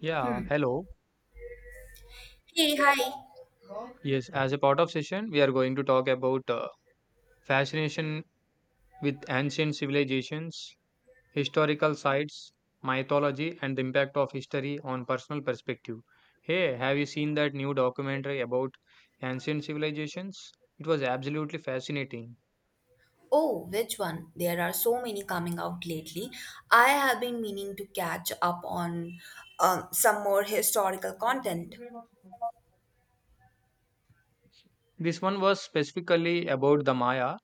Yeah, hello. Hey, hi. Yes, as a part of session, we are going to talk about fascination with ancient civilizations, historical sites, mythology, and the impact of history on personal perspective. Hey, have you seen that new documentary about ancient civilizations? It was absolutely fascinating. Oh, which one? There are so many coming out lately. I have been meaning to catch up on some more historical content. This one was specifically about the Maya.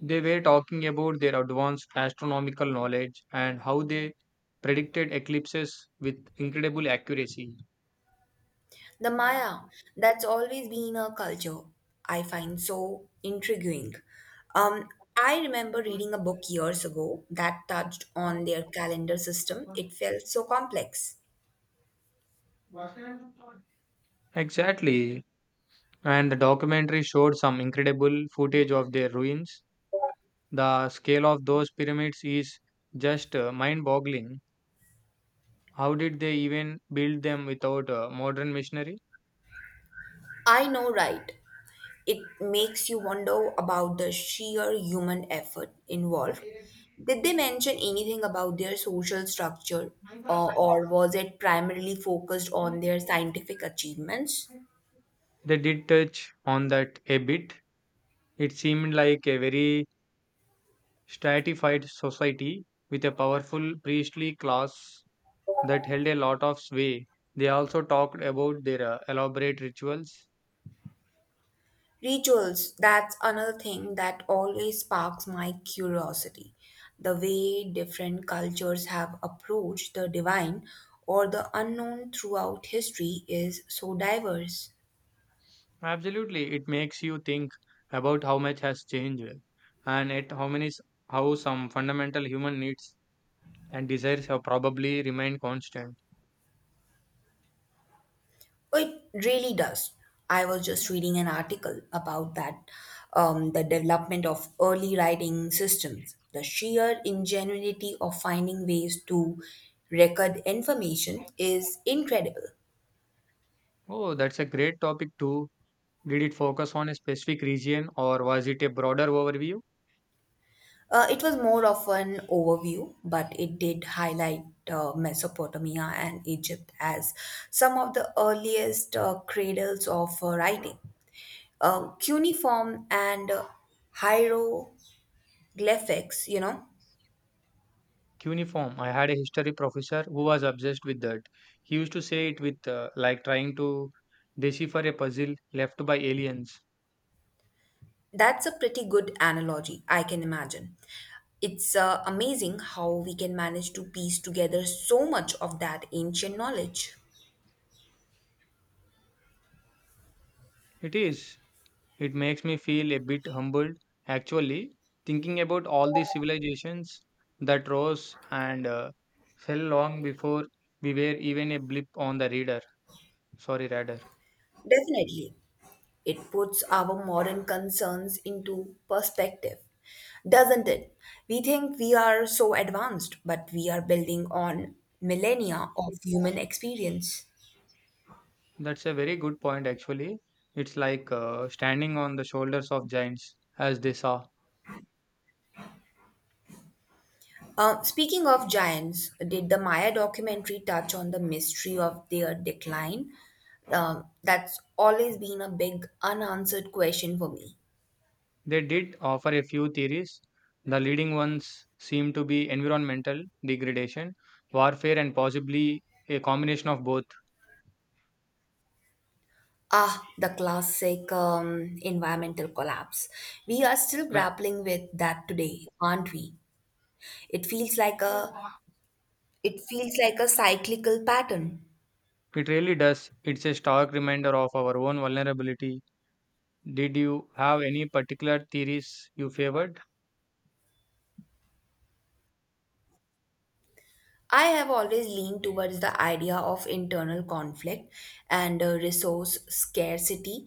They were talking about their advanced astronomical knowledge and how they predicted eclipses with incredible accuracy. The Maya, that's always been a culture I find so intriguing. Um, I remember reading a book years ago that touched on their calendar system. It felt so complex. Exactly. And the documentary showed some incredible footage of their ruins. The scale of those pyramids is just mind boggling. How did they even build them without a modern machinery? I know, right? It makes you wonder about the sheer human effort involved. Did they mention anything about their social structure, or was it primarily focused on their scientific achievements? They did touch on that a bit. It seemed like a very stratified society with a powerful priestly class that held a lot of sway. They also talked about their elaborate rituals. Rituals, that's another thing that always sparks my curiosity. The way different cultures have approached the divine or the unknown throughout history is so diverse. Absolutely, it makes you think about how much has changed and at how some fundamental human needs and desires have probably remained constant. It really does. I was just reading an article about that, the development of early writing systems, the sheer ingenuity of finding ways to record information is incredible. Oh, that's a great topic too. Did it focus on a specific region or was it a broader overview? It was more of an overview, but it did highlight Mesopotamia and Egypt as some of the earliest cradles of writing. Cuneiform and hieroglyphics, you know, Cuneiform. I had a history professor who was obsessed with that. He used to say it with like trying to decipher a puzzle left by aliens. that's a pretty good analogy, I can imagine. It's amazing how we can manage to piece together so much of that ancient knowledge. It is. It makes me feel a bit humbled, actually, thinking about all the civilizations that rose and fell long before we were even a blip on the radar. Sorry, radar. Definitely, it puts our modern concerns into perspective, doesn't it? We think we are so advanced, but we are building on millennia of human experience. That's a very good point, actually. It's like standing on the shoulders of giants, as they saw. Speaking of giants, did the Maya documentary touch on the mystery of their decline? That's always been a big unanswered question for me. They did offer a few theories. The leading ones seem to be environmental degradation, warfare, and possibly a combination of both. Ah, the classic environmental collapse. We are still grappling with that today, aren't we? It feels like a it feels like a cyclical pattern. It really does. It's a stark reminder of our own vulnerability. Did you have any particular theories you favored? I have always leaned towards the idea of internal conflict and resource scarcity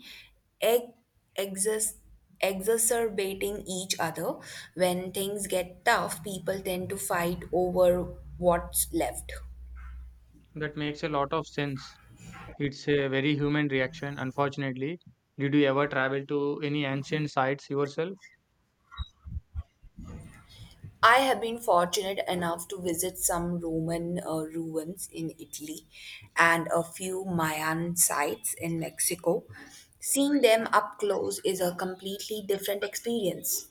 ex- exas- exacerbating each other. When things get tough, people tend to fight over what's left. That makes a lot of sense. It's a very human reaction, unfortunately. Did you ever travel to any ancient sites yourself? I have been fortunate enough to visit some Roman ruins in Italy and a few Mayan sites in Mexico. Seeing them up close is a completely different experience.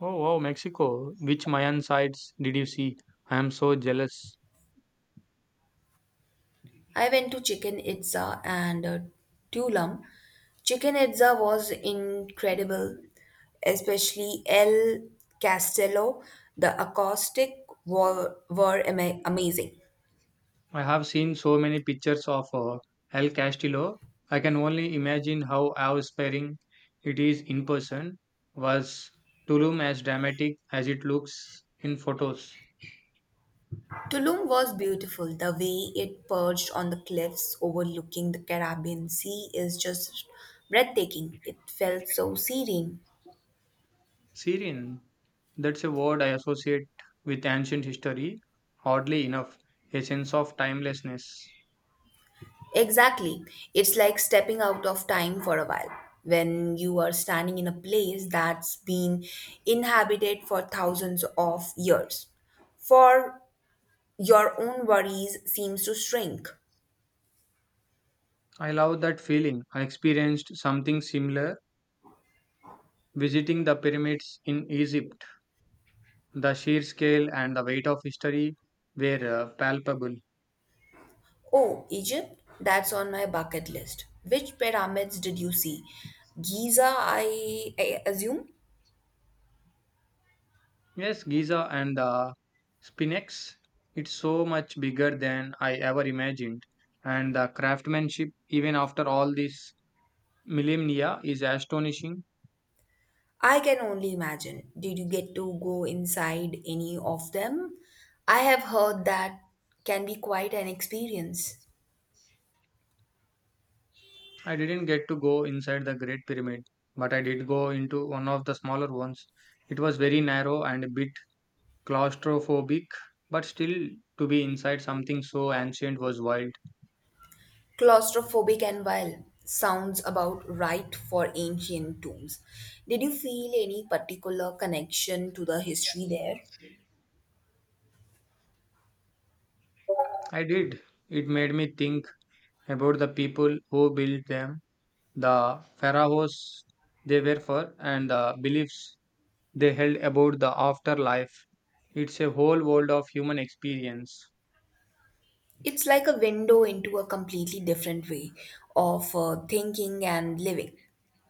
Oh, wow, Mexico. Which Mayan sites did you see? I am so jealous. I went to Chichen Itza and Tulum. Chichen Itza was incredible, especially El Castello. The acoustic were amazing. I have seen so many pictures of El Castillo. I can only imagine how awe-inspiring it is in person. Was Tulum as dramatic as it looks in photos? Tulum was beautiful. The way it perched on the cliffs overlooking the Caribbean Sea is just breathtaking. It felt so serene. Syrian, that's a word I associate with ancient history. Oddly enough, a sense of timelessness. Exactly. It's like stepping out of time for a while when you are standing in a place that's been inhabited for thousands of years. For your own worries seems to shrink. I love that feeling. I experienced something similar visiting the pyramids in Egypt. The sheer scale and the weight of history were palpable. Oh, Egypt? That's on my bucket list. Which pyramids did you see? Giza, I assume? Yes, Giza and the Spinnex. It's so much bigger than I ever imagined. And the craftsmanship, even after all this millennia, is astonishing. I can only imagine. Did you get to go inside any of them? I have heard that can be quite an experience. I didn't get to go inside the Great Pyramid, but I did go into one of the smaller ones. It was very narrow and a bit claustrophobic, but still, to be inside something so ancient was wild. Claustrophobic and wild sounds about right for ancient tombs. Did you feel any particular connection to the history there? I did. It made me think about the people who built them, the pharaohs they were for, and the beliefs they held about the afterlife. It's a whole world of human experience. It's like a window into a completely different way of thinking and living.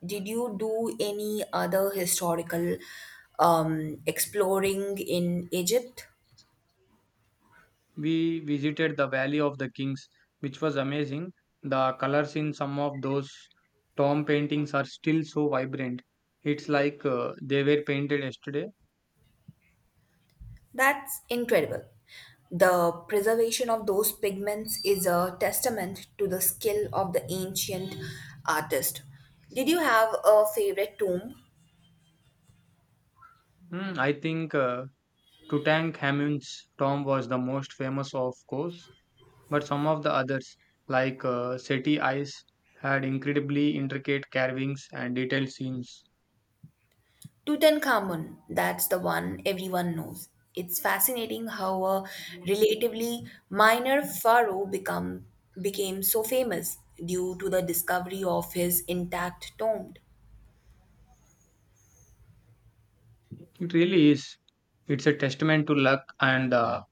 Did you do any other historical exploring in Egypt? We visited the Valley of the Kings, which was amazing. The colors in some of those tomb paintings are still so vibrant. It's like they were painted yesterday. That's incredible. The preservation of those pigments is a testament to the skill of the ancient artist. Did you have a favorite tomb? Hmm, I think Tutankhamun's tomb was the most famous, of course, but some of the others, like Seti Ice, had incredibly intricate carvings and detailed scenes. Tutankhamun, that's the one everyone knows. It's fascinating how a relatively minor pharaoh became so famous due to the discovery of his intact tomb. It really is. It's a testament to luck and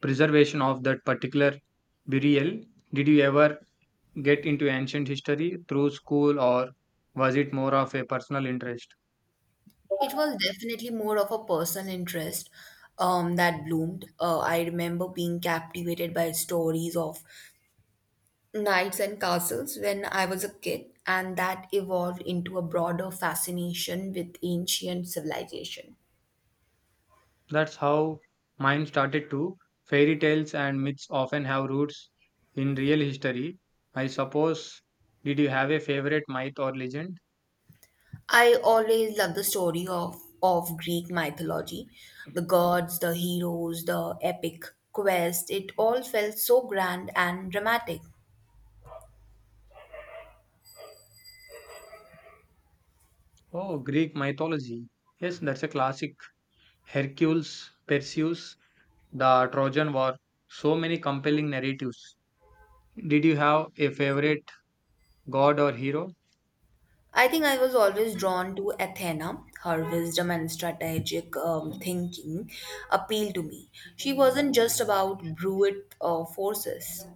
preservation of that particular burial. Did you ever get into ancient history through school, or was it more of a personal interest? It was definitely more of a personal interest that bloomed. I remember being captivated by stories of knights and castles when I was a kid, and that evolved into a broader fascination with ancient civilization. That's how mine started too. Fairy tales and myths often have roots in real history. I suppose, did you have a favorite myth or legend? I always loved the story of Greek mythology the gods, the heroes, the epic quest. It all felt so grand and dramatic. Oh, Greek mythology. Yes, that's a classic. Hercules, Perseus, the Trojan War. So many compelling narratives. Did you have a favorite god or hero? I think I was always drawn to Athena. Her wisdom and strategic thinking appealed to me. She wasn't just about brute forces.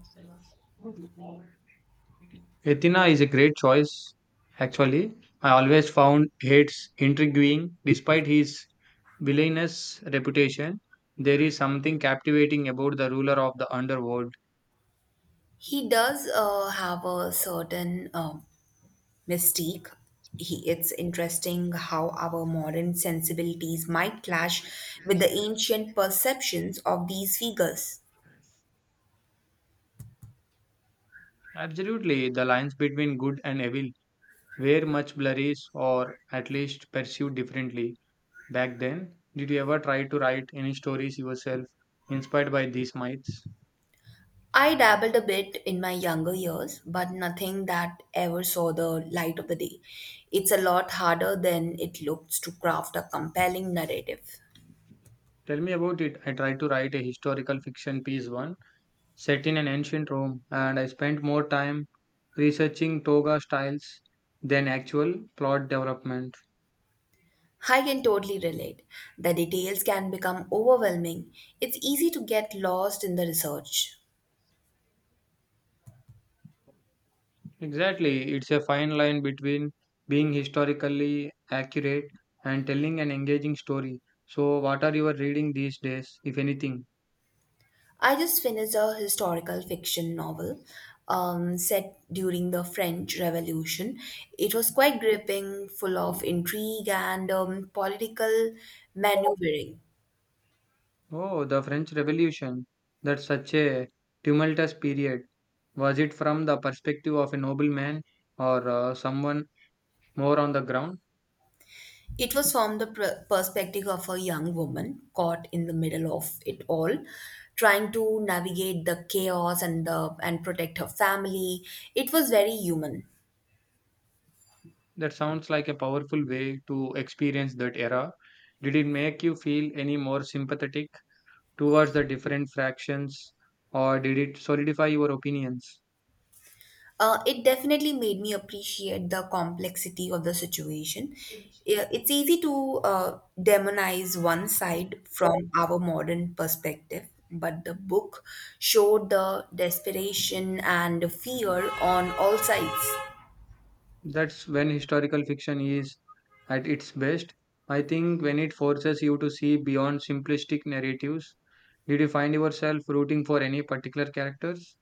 Athena is a great choice, actually. I always found Hades intriguing. Despite his villainous reputation, there is something captivating about the ruler of the underworld. He does have a certain mystique. It's interesting how our modern sensibilities might clash with the ancient perceptions of these figures. Absolutely, the lines between good and evil were much blurry or at least perceived differently. Back then, did you ever try to write any stories yourself inspired by these myths? I dabbled a bit in my younger years, but nothing that ever saw the light of the day. It's a lot harder than it looks to craft a compelling narrative. Tell me about it. I tried to write a historical fiction piece one set in an ancient Rome, and I spent more time researching toga styles than actual plot development. I can totally relate. The details can become overwhelming. It's easy to get lost in the research. Exactly, it's a fine line between being historically accurate and telling an engaging story. So, what are you reading these days, if anything? I just finished a historical fiction novel set during the French Revolution. It was quite gripping, full of intrigue and political maneuvering. Oh, the French Revolution. That's such a tumultuous period. Was it from the perspective of a nobleman or someone more on the ground? It was from the perspective of a young woman caught in the middle of it all, trying to navigate the chaos and protect her family. It was very human. That sounds like a powerful way to experience that era. Did it make you feel any more sympathetic towards the different fractions or did it solidify your opinions? It definitely made me appreciate the complexity of the situation. Yeah, it's easy to demonize one side from our modern perspective, but the book showed the desperation and fear on all sides. That's when historical fiction is at its best. I think when it forces you to see beyond simplistic narratives. Did you find yourself rooting for any particular characters?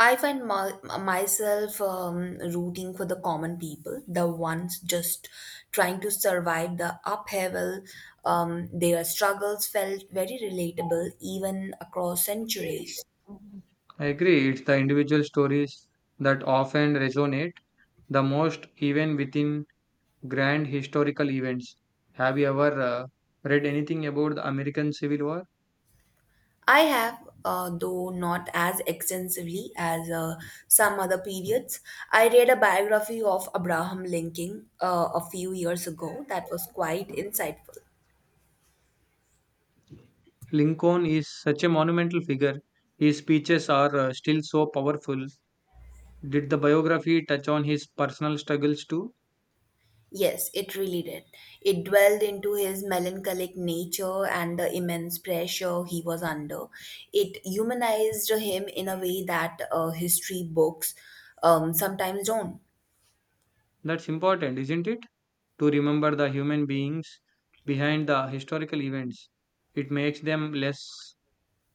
I find my, myself rooting for the common people, the ones just trying to survive the upheaval. Their struggles felt very relatable even across centuries. I agree, it's the individual stories that often resonate the most, even within grand historical events. Have you ever read anything about the American Civil War? I have, though not as extensively as some other periods, I read a biography of Abraham Lincoln a few years ago that was quite insightful. Lincoln is such a monumental figure. His speeches are still so powerful. Did the biography touch on his personal struggles too? Yes, it really did. It dwelled into his melancholic nature and the immense pressure he was under. It humanized him in a way that history books sometimes don't. That's important, isn't it? To remember the human beings behind the historical events. It makes them less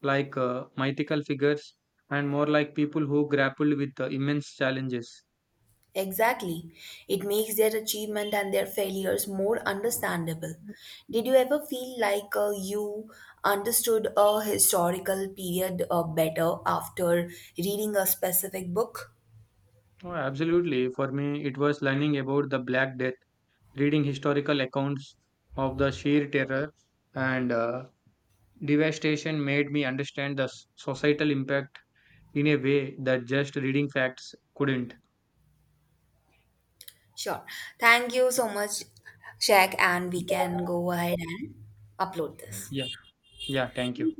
like mythical figures and more like people who grappled with immense challenges. Exactly. It makes their achievement and their failures more understandable. Did you ever feel like you understood a historical period better after reading a specific book? Oh, absolutely. For me, it was learning about the Black Death, reading historical accounts of the sheer terror and devastation made me understand the societal impact in a way that just reading facts couldn't. Sure. Thank you so much, Shaq, and we can go ahead and upload this. Yeah, yeah, thank you.